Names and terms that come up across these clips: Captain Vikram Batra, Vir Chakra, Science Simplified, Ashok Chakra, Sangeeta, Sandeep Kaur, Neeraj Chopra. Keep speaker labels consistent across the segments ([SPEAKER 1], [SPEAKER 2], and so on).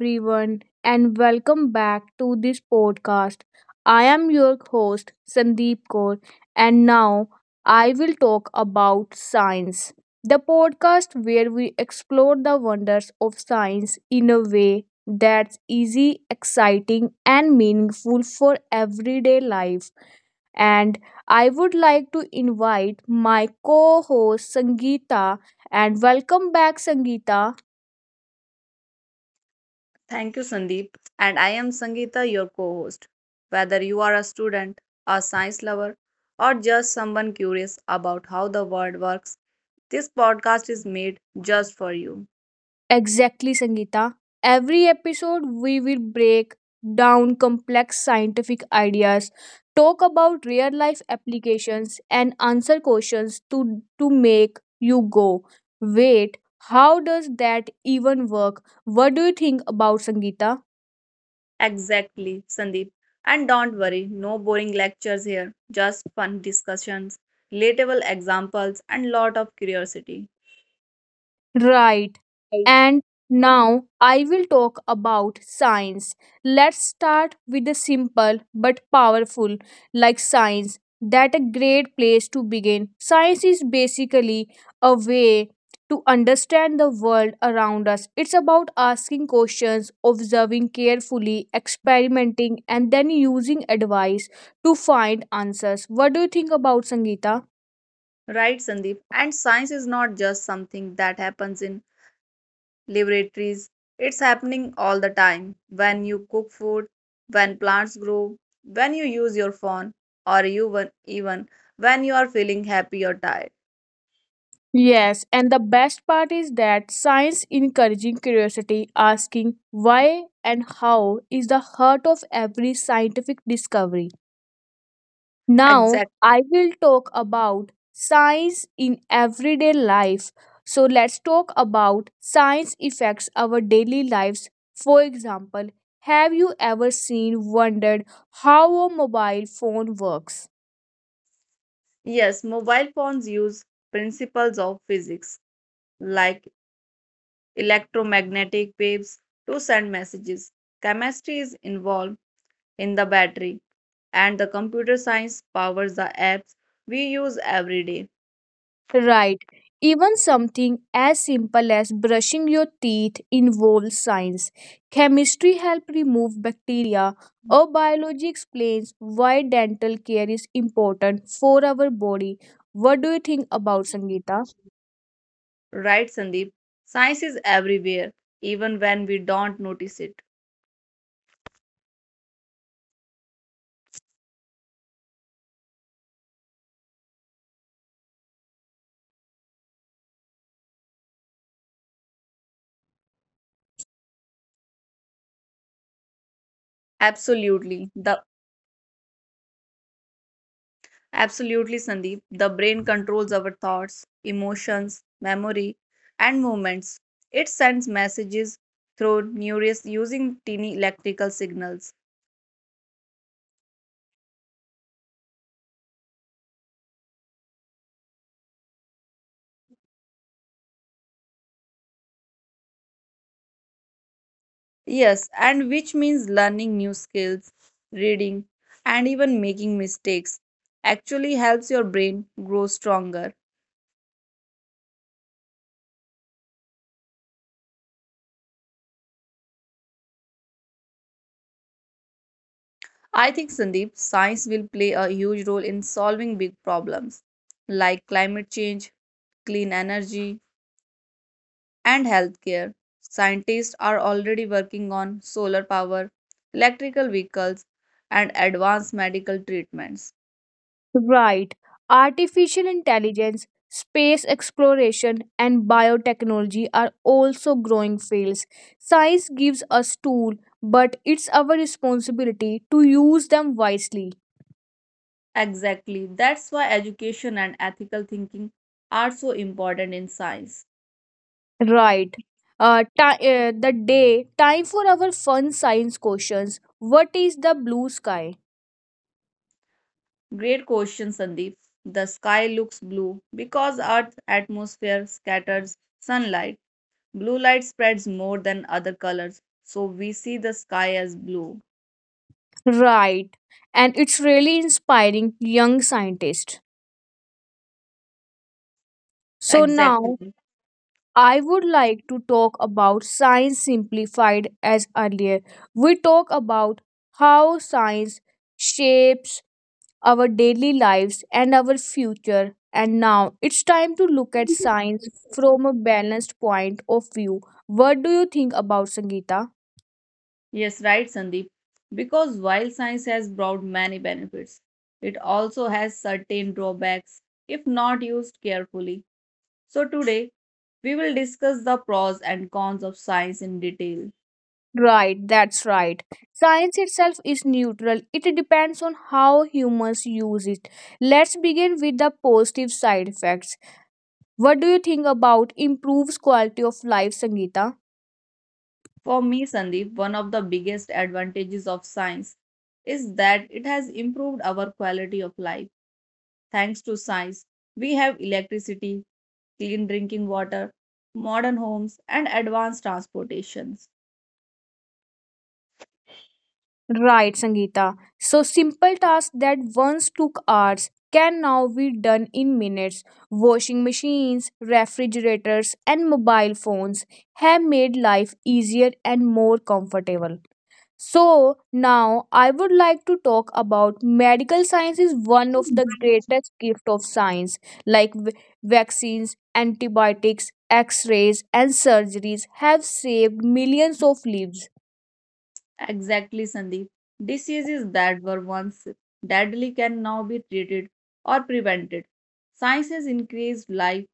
[SPEAKER 1] Everyone, and welcome back to this podcast. I am your host, Sandeep Kaur, and now I will talk about science, the podcast where we explore the wonders of science in a way that's easy, exciting, and meaningful for everyday life. And I would like to invite my co host, Sangeeta, and welcome back, Sangeeta.
[SPEAKER 2] Thank you, Sandeep. And I am Sangeeta, your co host. Whether you are a student, a science lover, or just someone curious about how the world works, this podcast is made just for you.
[SPEAKER 1] Exactly, Sangeeta. Every episode, we will break down complex scientific ideas, talk about real life applications, and answer questions to make you go, wait, how does that even work? What do you think about Sangeeta?
[SPEAKER 2] Exactly, Sandeep. And don't worry, no boring lectures here, just fun discussions, relatable examples, and lot of curiosity.
[SPEAKER 1] Right. And now I will talk about science. Let's start with the simple but powerful, like science. That a great place to begin. Science is basically a way to understand the world around us. It's about asking questions, observing carefully, experimenting, and then using advice to find answers. What do you think about Sangeeta?
[SPEAKER 2] Right, Sandeep. And science is not just something that happens in laboratories. It's happening all the time when you cook food, when plants grow, when you use your phone, or even when you are feeling happy or tired.
[SPEAKER 1] Yes, and the best part is that science encouraging curiosity, asking why and how is the heart of every scientific discovery. Now,
[SPEAKER 2] Exact.
[SPEAKER 1] I will talk about science in everyday life. So, let's talk about science affects our daily lives. For example, have you ever seen wondered how a mobile phone works?
[SPEAKER 2] Yes, mobile phones use principles of physics like electromagnetic waves to send messages. Chemistry is involved in the battery, and the computer science powers the apps we use every day.
[SPEAKER 1] Right. Even something as simple as brushing your teeth involves science. Chemistry helps remove bacteria, or biology explains why dental care is important for our body. What do you think about Sangeeta?
[SPEAKER 2] Right, Sandeep. Science is everywhere, even when we don't notice it. Absolutely. The absolutely, Sandeep. The brain controls our thoughts, emotions, memory, and movements. It sends messages through neurons using tiny electrical signals. Yes, and which means learning new skills, reading, and even making mistakes actually helps your brain grow stronger. I think, Sandeep, science will play a huge role in solving big problems like climate change, clean energy, and healthcare. Scientists are already working on solar power, electrical vehicles, and advanced medical treatments.
[SPEAKER 1] Right. Artificial intelligence, space exploration, and biotechnology are also growing fields. Science gives us tools, but it's our responsibility to use them wisely.
[SPEAKER 2] Exactly, that's why education and ethical thinking are so important in science.
[SPEAKER 1] Right. The day, time for our fun science questions. What is the blue sky?
[SPEAKER 2] Great question, Sandeep. The sky looks blue because Earth's atmosphere scatters sunlight. Blue light spreads more than other colors, so we see the sky as blue.
[SPEAKER 1] Right. And it's really inspiring young scientists. So now
[SPEAKER 2] Exactly.
[SPEAKER 1] I would like to talk about science simplified as earlier. We talk about how science shapes our daily lives and our future. And now it's time to look at science from a balanced point of view. What do you think about Sangeeta?
[SPEAKER 2] Yes, right, Sandeep. Because while science has brought many benefits, it also has certain drawbacks if not used carefully. So, today we will discuss the pros and cons of science in detail.
[SPEAKER 1] Right, that's right. Science itself is neutral. It depends on how humans use it. Let's begin with the positive side effects. What do you think about improves quality of life, Sangeeta?
[SPEAKER 2] For me, Sandeep, one of the biggest advantages of science is that it has improved our quality of life. Thanks to science, we have electricity, clean drinking water, modern homes, and advanced transportations.
[SPEAKER 1] Right, Sangeeta. So simple tasks that once took hours can now be done in minutes. Washing machines, refrigerators, and mobile phones have made life easier and more comfortable. So, now I would like to talk about medical science is one of the greatest gift of science like vaccines, antibiotics, x-rays and surgeries have saved millions of lives.
[SPEAKER 2] Exactly, Sandeep. Diseases that were once deadly can now be treated or prevented. Science has increased life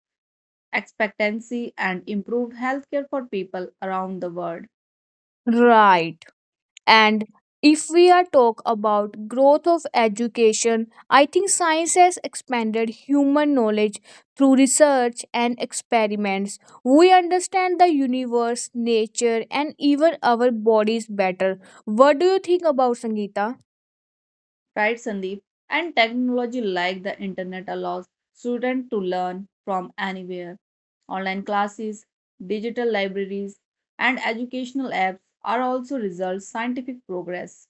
[SPEAKER 2] expectancy and improved healthcare for people around the world.
[SPEAKER 1] Right. And if we are talk about growth of education, I think science has expanded human knowledge through research and experiments. We understand the universe, nature, and even our bodies better. What do you think about Sangeeta?
[SPEAKER 2] Right, Sandeep? And technology like the internet allows students to learn from anywhere. Online classes, digital libraries, and educational apps are also result scientific progress.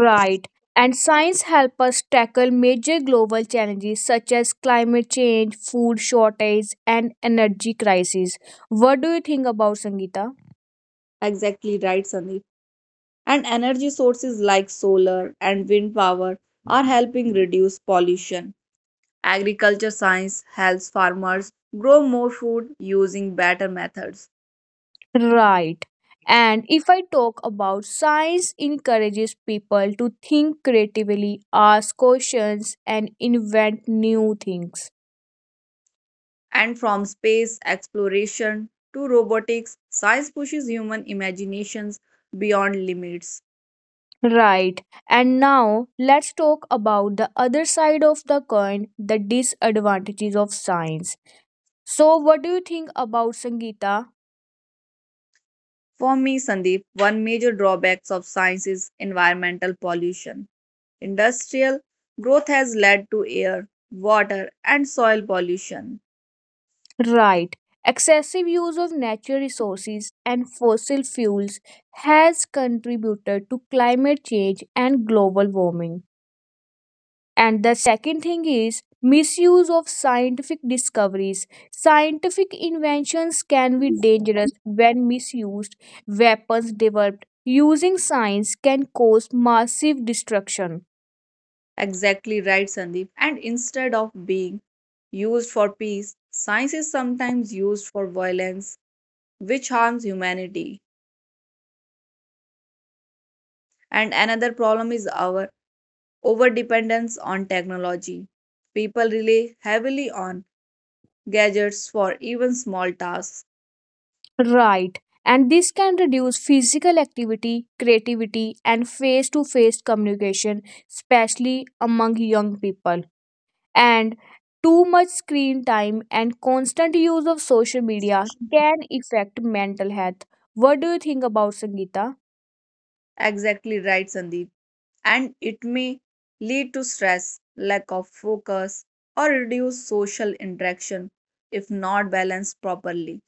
[SPEAKER 1] Right. And science help us tackle major global challenges such as climate change, food shortage, and energy crisis. What do you think about Sangeeta?
[SPEAKER 2] Exactly right, Sandeep. And energy sources like solar and wind power are helping reduce pollution. Agriculture science helps farmers grow more food using better methods.
[SPEAKER 1] Right. And if I talk about science encourages people to think creatively, ask questions and invent new things.
[SPEAKER 2] And from space exploration to robotics, science pushes human imaginations beyond limits.
[SPEAKER 1] Right. And now let's talk about the other side of the coin, the disadvantages of science. So what do you think about Sangeeta?
[SPEAKER 2] For me, Sandeep, one major drawback of science is environmental pollution. Industrial growth has led to air, water, and soil pollution.
[SPEAKER 1] Right. Excessive use of natural resources and fossil fuels has contributed to climate change and global warming. And the second thing is misuse of scientific discoveries. Scientific inventions can be dangerous when misused. Weapons developed using science can cause massive destruction.
[SPEAKER 2] Exactly right, Sandeep. And instead of being used for peace, science is sometimes used for violence, which harms humanity. And another problem is our overdependence on technology. People rely heavily on gadgets for even small tasks.
[SPEAKER 1] Right. And this can reduce physical activity, creativity, and face to face communication, especially among young people. And too much screen time and constant use of social media can affect mental health. What do you think about Sangeeta?
[SPEAKER 2] Exactly right, Sandeep. And it may lead to stress, lack of focus, or reduced social interaction if not balanced properly.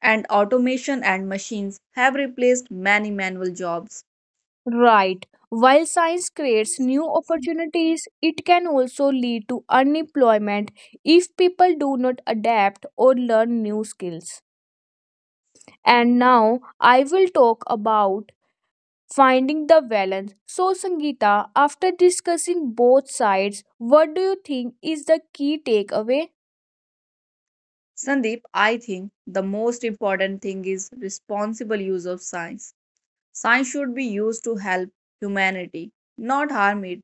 [SPEAKER 2] And automation and machines have replaced many manual jobs.
[SPEAKER 1] Right. While science creates new opportunities, it can also lead to unemployment if people do not adapt or learn new skills. And now I will talk about finding the balance. So, Sangeeta, after discussing both sides, what do you think is the key takeaway?
[SPEAKER 2] Sandeep, I think the most important thing is responsible use of science. Science should be used to help humanity, not harm it.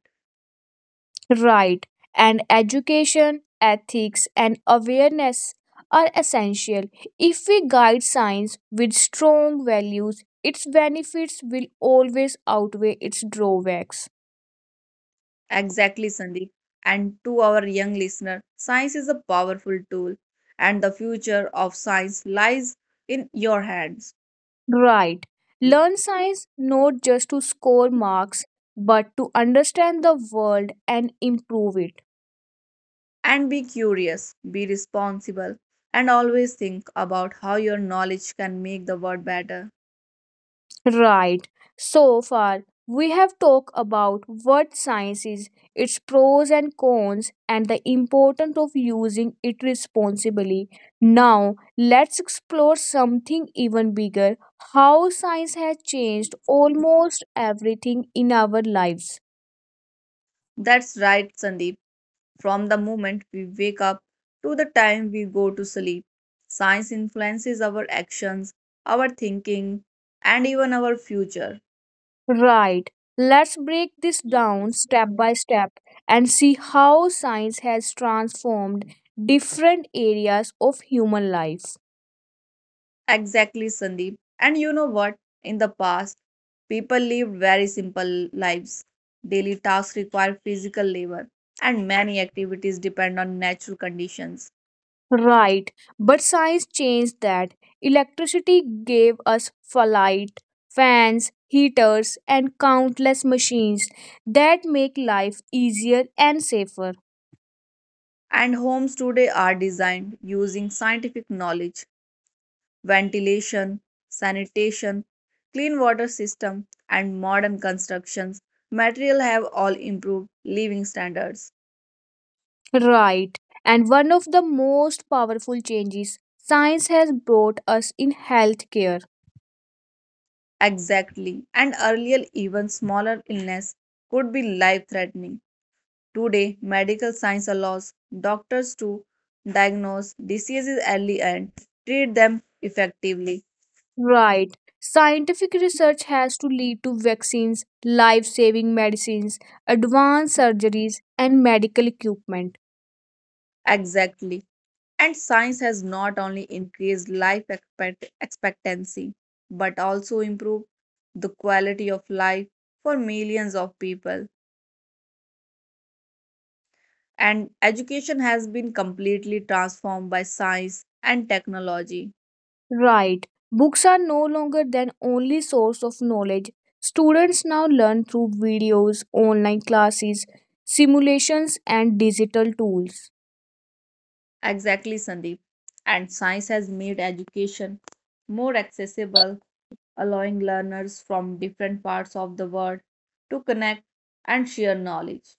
[SPEAKER 1] Right, and education, ethics, and awareness are essential. If we guide science with strong values, its benefits will always outweigh its drawbacks.
[SPEAKER 2] Exactly, Sandeep. And to our young listener, science is a powerful tool, and the future of science lies in your hands.
[SPEAKER 1] Right, learn science not just to score marks, but to understand the world and improve it.
[SPEAKER 2] And be curious, be responsible, and always think about how your knowledge can make the world better.
[SPEAKER 1] Right. So far, we have talked about what science is, its pros and cons, and the importance of using it responsibly. Now, let's explore something even bigger: how science has changed almost everything in our lives.
[SPEAKER 2] That's right, Sandeep. From the moment we wake up to the time we go to sleep, science influences our actions, our thinking, and even our future.
[SPEAKER 1] Right. Let's break this down step by step and see how science has transformed different areas of human life.
[SPEAKER 2] Exactly, Sandeep. And you know what? In the past, people lived very simple lives. Daily tasks require physical labor, and many activities depend on natural conditions.
[SPEAKER 1] Right, but science changed that. Electricity gave us light, fans, heaters, and countless machines that make life easier and safer.
[SPEAKER 2] And homes today are designed using scientific knowledge, ventilation, sanitation, clean water system, and modern constructions material have all improved living standards.
[SPEAKER 1] Right, and one of the most powerful changes science has brought us in healthcare.
[SPEAKER 2] Exactly, and earlier even smaller illness could be life threatening. Today, medical science allows doctors to diagnose diseases early and treat them effectively.
[SPEAKER 1] Right, scientific research has to lead to vaccines, life saving medicines, advanced surgeries, and medical equipment.
[SPEAKER 2] Exactly. And science has not only increased life expectancy, but also improved the quality of life for millions of people. And education has been completely transformed by science and technology.
[SPEAKER 1] Right. Books are no longer than only source of knowledge. Students now learn through videos, online classes, simulations and digital tools.
[SPEAKER 2] Exactly, Sandeep. And science has made education more accessible, allowing learners from different parts of the world to connect and share knowledge.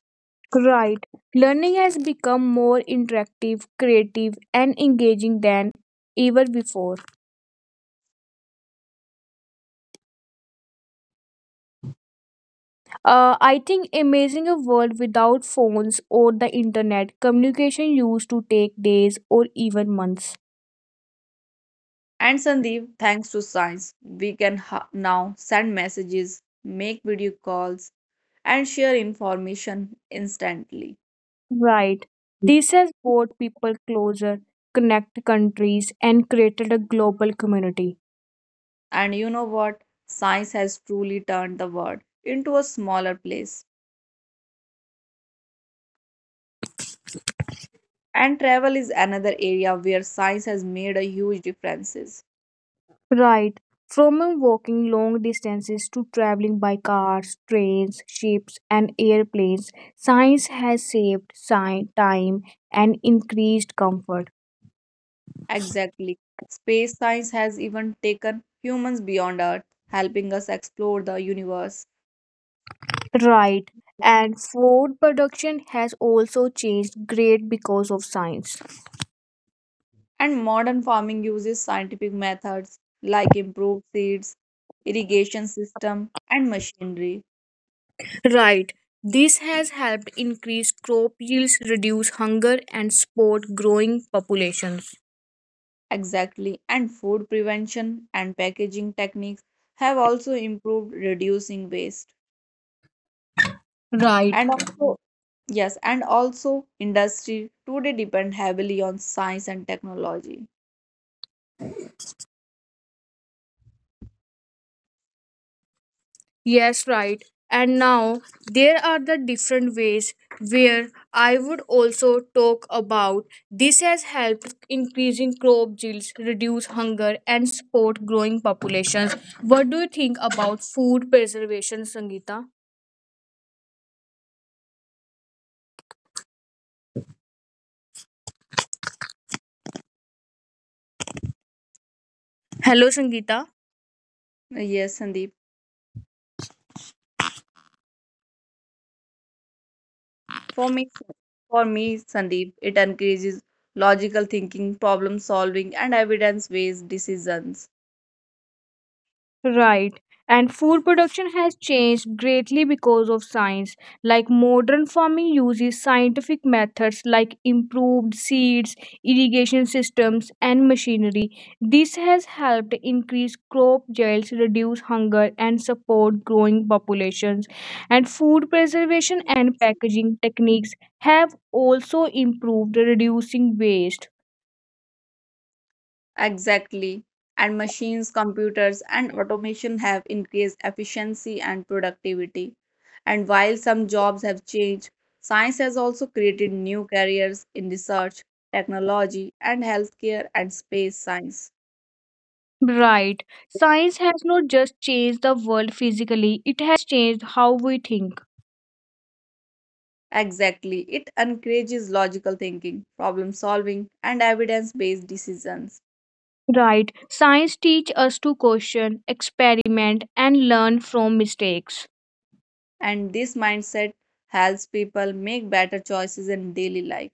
[SPEAKER 1] Right. Learning has become more interactive, creative and engaging than ever before. I think imagining a world without phones or the internet, communication used to take days or even months.
[SPEAKER 2] And Sandeep, thanks to science, we can now send messages, make video calls, and share information instantly.
[SPEAKER 1] Right. This has brought people closer, connected countries, and created a global community.
[SPEAKER 2] And you know what? Science has truly turned the world into a smaller place. And travel is another area where science has made a huge differences.
[SPEAKER 1] Right. From walking long distances to traveling by cars, trains, ships, and airplanes, science has saved time and increased comfort.
[SPEAKER 2] Exactly. Space science has even taken humans beyond Earth, helping us explore the universe.
[SPEAKER 1] Right. And food production has also changed great because of science.
[SPEAKER 2] And modern farming uses scientific methods like improved seeds, irrigation system, and machinery.
[SPEAKER 1] Right. This has helped increase crop yields, reduce hunger, and support growing populations.
[SPEAKER 2] Exactly. And food prevention and packaging techniques have also improved reducing waste.
[SPEAKER 1] Right.
[SPEAKER 2] And also, yes, and also industry today depend heavily on science and technology.
[SPEAKER 1] Yes, right. And now there are the different ways where I would also talk about this has helped increasing crop yields, reduce hunger, and support growing populations. What do you think about food preservation, Sangeeta? Hello, Sangeeta.
[SPEAKER 2] Yes, Sandeep. For me, for me, Sandeep, it encourages logical thinking, problem solving, and evidence-based decisions.
[SPEAKER 1] Right. And food production has changed greatly because of science. Like modern farming uses scientific methods like improved seeds, irrigation systems, and machinery. This has helped increase crop yields, reduce hunger, and support growing populations. And food preservation and packaging techniques have also improved, reducing waste.
[SPEAKER 2] Exactly. And machines, computers, and automation have increased efficiency and productivity. And while some jobs have changed, science has also created new careers in research, technology, and healthcare and space science.
[SPEAKER 1] Right. Science has not just changed the world physically, it has changed how we think.
[SPEAKER 2] Exactly. It encourages logical thinking, problem solving, and evidence based decisions.
[SPEAKER 1] Right. Science teach us to question, experiment and learn from mistakes.
[SPEAKER 2] And this mindset helps people make better choices in daily life.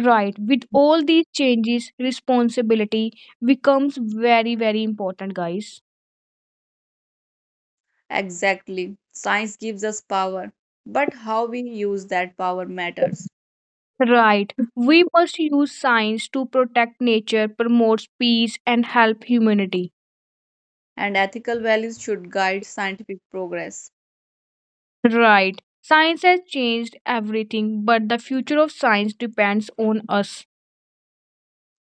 [SPEAKER 1] Right. With all these changes, responsibility becomes very very important, guys.
[SPEAKER 2] Exactly. Science gives us power, but how we use that power matters,
[SPEAKER 1] Right. We must use science to protect nature, promote peace and help humanity.
[SPEAKER 2] and ethical values should guide scientific progress.
[SPEAKER 1] Right. Science has changed everything, but the future of science depends on us.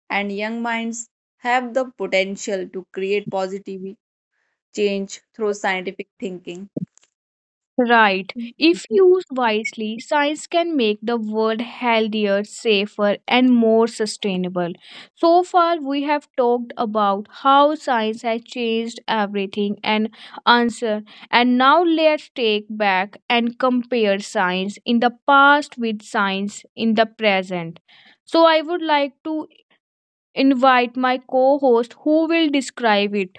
[SPEAKER 2] And young minds have the potential to create positive change through scientific thinking.
[SPEAKER 1] Right. If used wisely, science can make the world healthier, safer, and more sustainable. So far, we have talked about how science has changed everything and answer. And now let's take back and compare science in the past with science in the present. So I would like to invite my co-host who will describe it.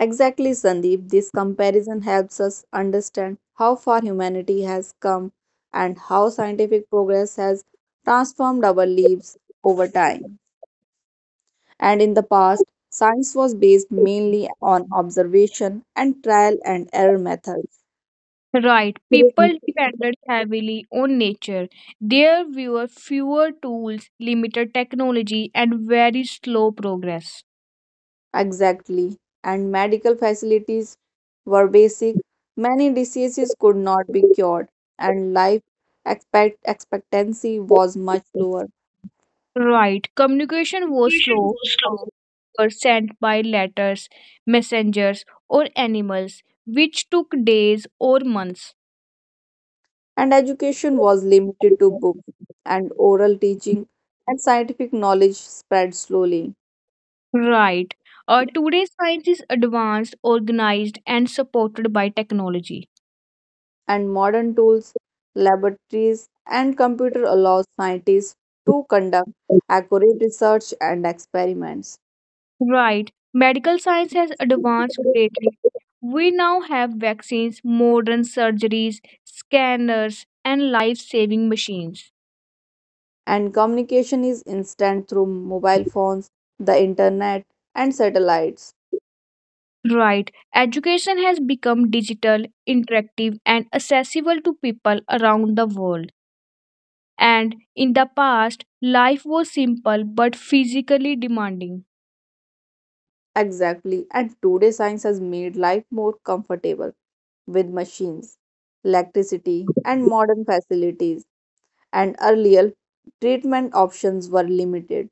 [SPEAKER 2] Exactly, Sandeep. This comparison helps us understand how far humanity has come and how scientific progress has transformed our lives over time. And in the past, science was based mainly on observation and trial and error methods.
[SPEAKER 1] Right, people depended heavily on nature. There were fewer tools, limited technology, and very slow progress.
[SPEAKER 2] Exactly. And medical facilities were basic. Many diseases could not be cured, and life expectancy was much lower.
[SPEAKER 1] Right, communication was slow, were sent by letters, messengers, or animals, which took days or months.
[SPEAKER 2] And education was limited to books and oral teaching, and scientific knowledge spread slowly.
[SPEAKER 1] Right, today science is advanced, organized, and supported by technology.
[SPEAKER 2] And modern tools, laboratories, and computer allow scientists to conduct accurate research and experiments.
[SPEAKER 1] Right. Medical science has advanced greatly. We now have vaccines, modern surgeries, scanners, and life saving machines.
[SPEAKER 2] And communication is instant through mobile phones, the internet, and satellites.
[SPEAKER 1] Right. Education has become digital, interactive, and accessible to people around the world. And in the past, life was simple but physically demanding.
[SPEAKER 2] Exactly. And today, science has made life more comfortable with machines, electricity, and modern facilities, and earlier treatment options were limited.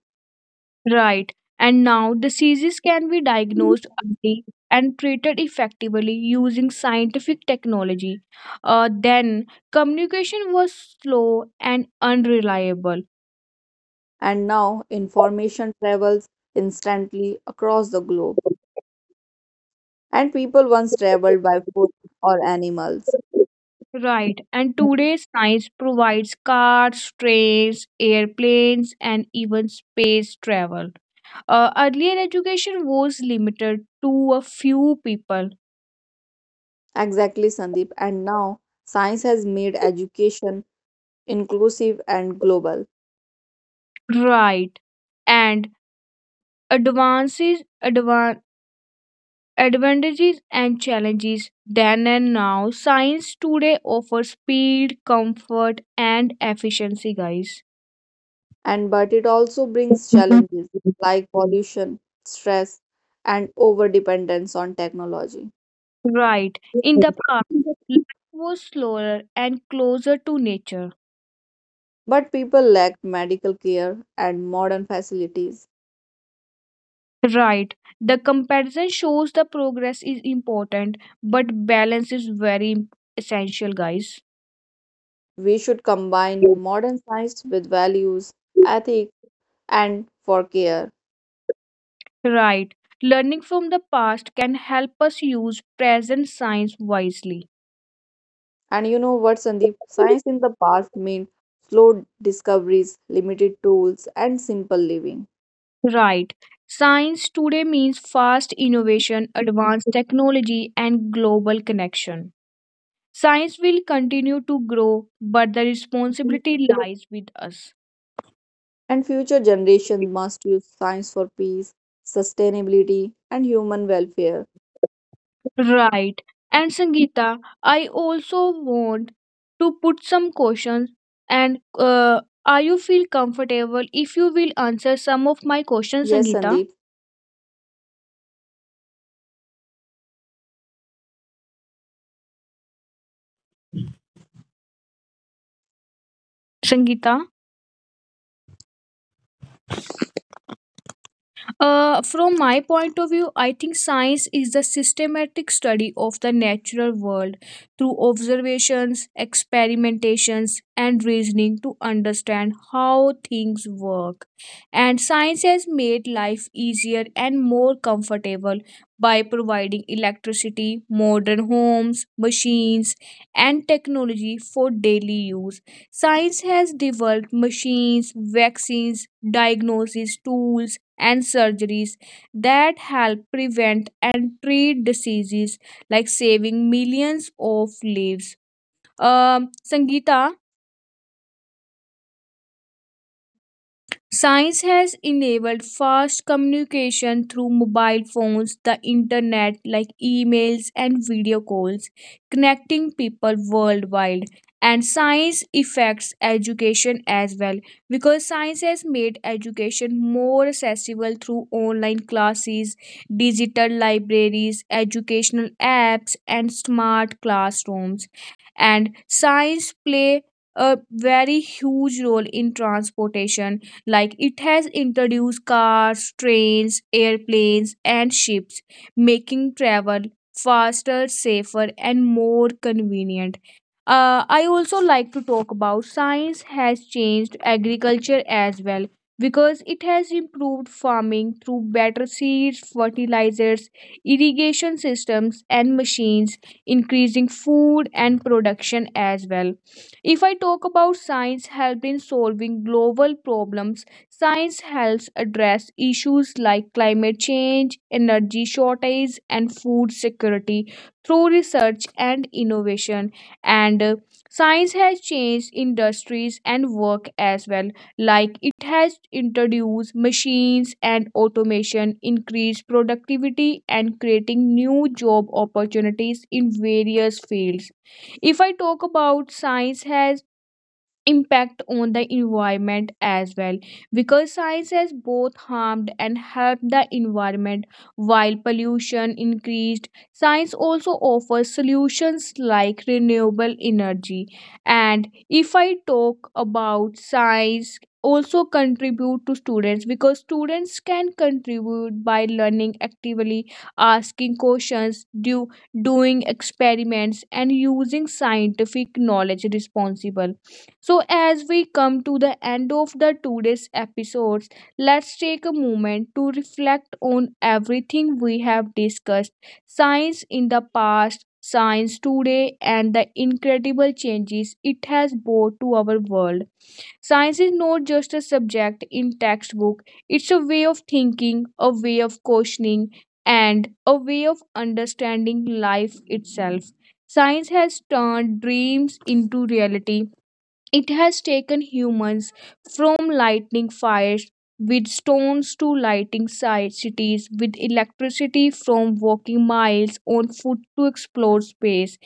[SPEAKER 1] Right. And now diseases can be diagnosed early and treated effectively using scientific technology. Then, communication was slow and unreliable.
[SPEAKER 2] And now information travels instantly across the globe. And people once traveled by foot or animals.
[SPEAKER 1] Right. And today science provides cars, trains, airplanes, and even space travel. Earlier education was limited to a few people.
[SPEAKER 2] Exactly, Sandeep. And now science has made education inclusive and global.
[SPEAKER 1] Right. And advances, advantages, and challenges. Then and now, science today offers speed, comfort, and efficiency, guys.
[SPEAKER 2] And but it also brings challenges like pollution, stress, and over dependence on technology.
[SPEAKER 1] Right. In the past, life was slower and closer to nature.
[SPEAKER 2] But people lack medical care and modern facilities.
[SPEAKER 1] Right. The comparison shows the progress is important, but balance is very essential, guys.
[SPEAKER 2] We should combine modern science with values, ethics, and for care.
[SPEAKER 1] Right. Learning from the past can help us use present science wisely.
[SPEAKER 2] And you know what, Sandeep? Science in the past meant slow discoveries, limited tools, and simple living.
[SPEAKER 1] Right. Science today means fast innovation, advanced technology, and global connection. Science will continue to grow, but the responsibility lies with us.
[SPEAKER 2] And future generations must use science for peace, sustainability, and human welfare.
[SPEAKER 1] Right. And Sangeeta, I also want to put some questions, and are you feel comfortable if you will answer some of my questions,
[SPEAKER 2] Yes,
[SPEAKER 1] Sangeeta?
[SPEAKER 2] Sandeep.
[SPEAKER 1] Sangeeta. From my point of view, I think science is the systematic study of the natural world through observations, experimentations, and reasoning to understand how things work. And science has made life easier and more comfortable by providing electricity, modern homes, machines, and technology for daily use. Science has developed machines, vaccines, diagnosis tools, and surgeries that help prevent and treat diseases, like saving millions of lives. Sangeeta, science has enabled fast communication through mobile phones, the internet, like emails and video calls, connecting people worldwide. And science affects education as well because science has made education more accessible through online classes, digital libraries, educational apps, and smart classrooms. And science play a very huge role in transportation like it has introduced cars, trains, airplanes, and ships, making travel faster, safer, and more convenient. I also like to talk about science has changed agriculture as well because it has improved farming through better seeds, fertilizers, irrigation systems, and machines, increasing food and production as well. If I talk about science help in solving global problems, science helps address issues like climate change, energy shortage, and food security through research and innovation. And science has changed industries and work as well, like it has introduced machines and automation, increased productivity, and creating new job opportunities in various fields. If I talk about science has impact on the environment as well because science has both harmed and helped the environment. While pollution increased, science also offers solutions like renewable energy. And if I talk about science also contribute to students because students can contribute by learning actively, asking questions, doing experiments and using scientific knowledge responsible. So, as we come to the end of the today's episodes, let's take a moment to reflect on everything we have discussed: science in the past, science today, and the incredible changes it has brought to our world. Science is not just a subject in textbook, it's a way of thinking, a way of questioning, and a way of understanding life itself. Science has turned dreams into reality. It has taken humans from lighting fires with stones to lighting cities with electricity, from walking miles on foot to explore space.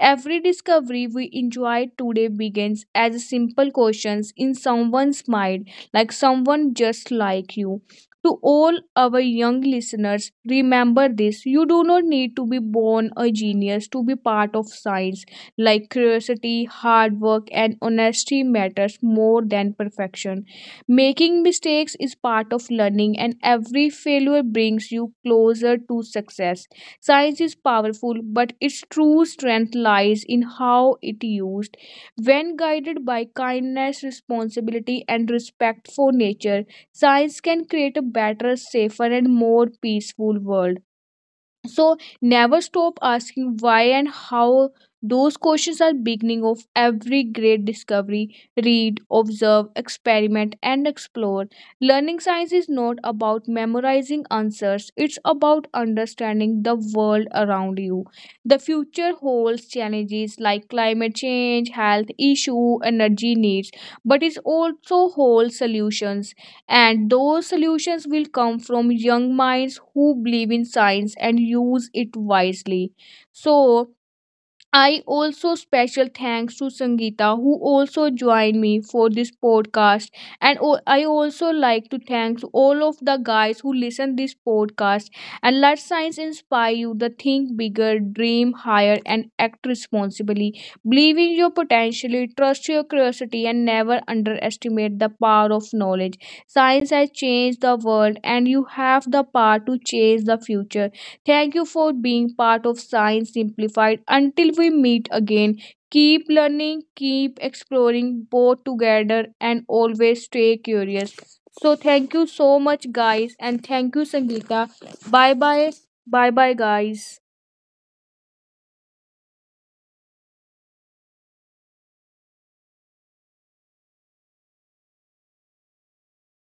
[SPEAKER 1] Every discovery we enjoy today begins as simple questions in someone's mind, like someone just like you. To all our young listeners, remember this: you do not need to be born a genius to be part of science like curiosity, hard work, and honesty matters more than perfection. Making mistakes is part of learning, and every failure brings you closer to success. Science is powerful, but its true strength lies in how it used. When guided by kindness, responsibility, and respect for nature, science can create a better, safer, and more peaceful world. So never stop asking why and how. Those questions are beginning of every great discovery. Read, observe, experiment and explore. Learning science is not about memorizing answers, it's about understanding the world around you. The future holds challenges like climate change, health issue, energy needs, but it also holds solutions, and those solutions will come from young minds who believe in science and use it wisely. So I also special thanks to Sangeeta who also joined me for this podcast, and I also like to thank all of the guys who listen this podcast. And let science inspire you to think bigger, dream higher and act responsibly. Believe in your potential, trust your curiosity and never underestimate the power of knowledge. Science has changed the world and you have the power to change the future. Thank you for being part of Science Simplified. Until we meet again, keep learning, keep exploring both together, and always stay curious. So, thank you so much, guys, and thank you, Sangeeta. Bye bye. Bye bye, guys.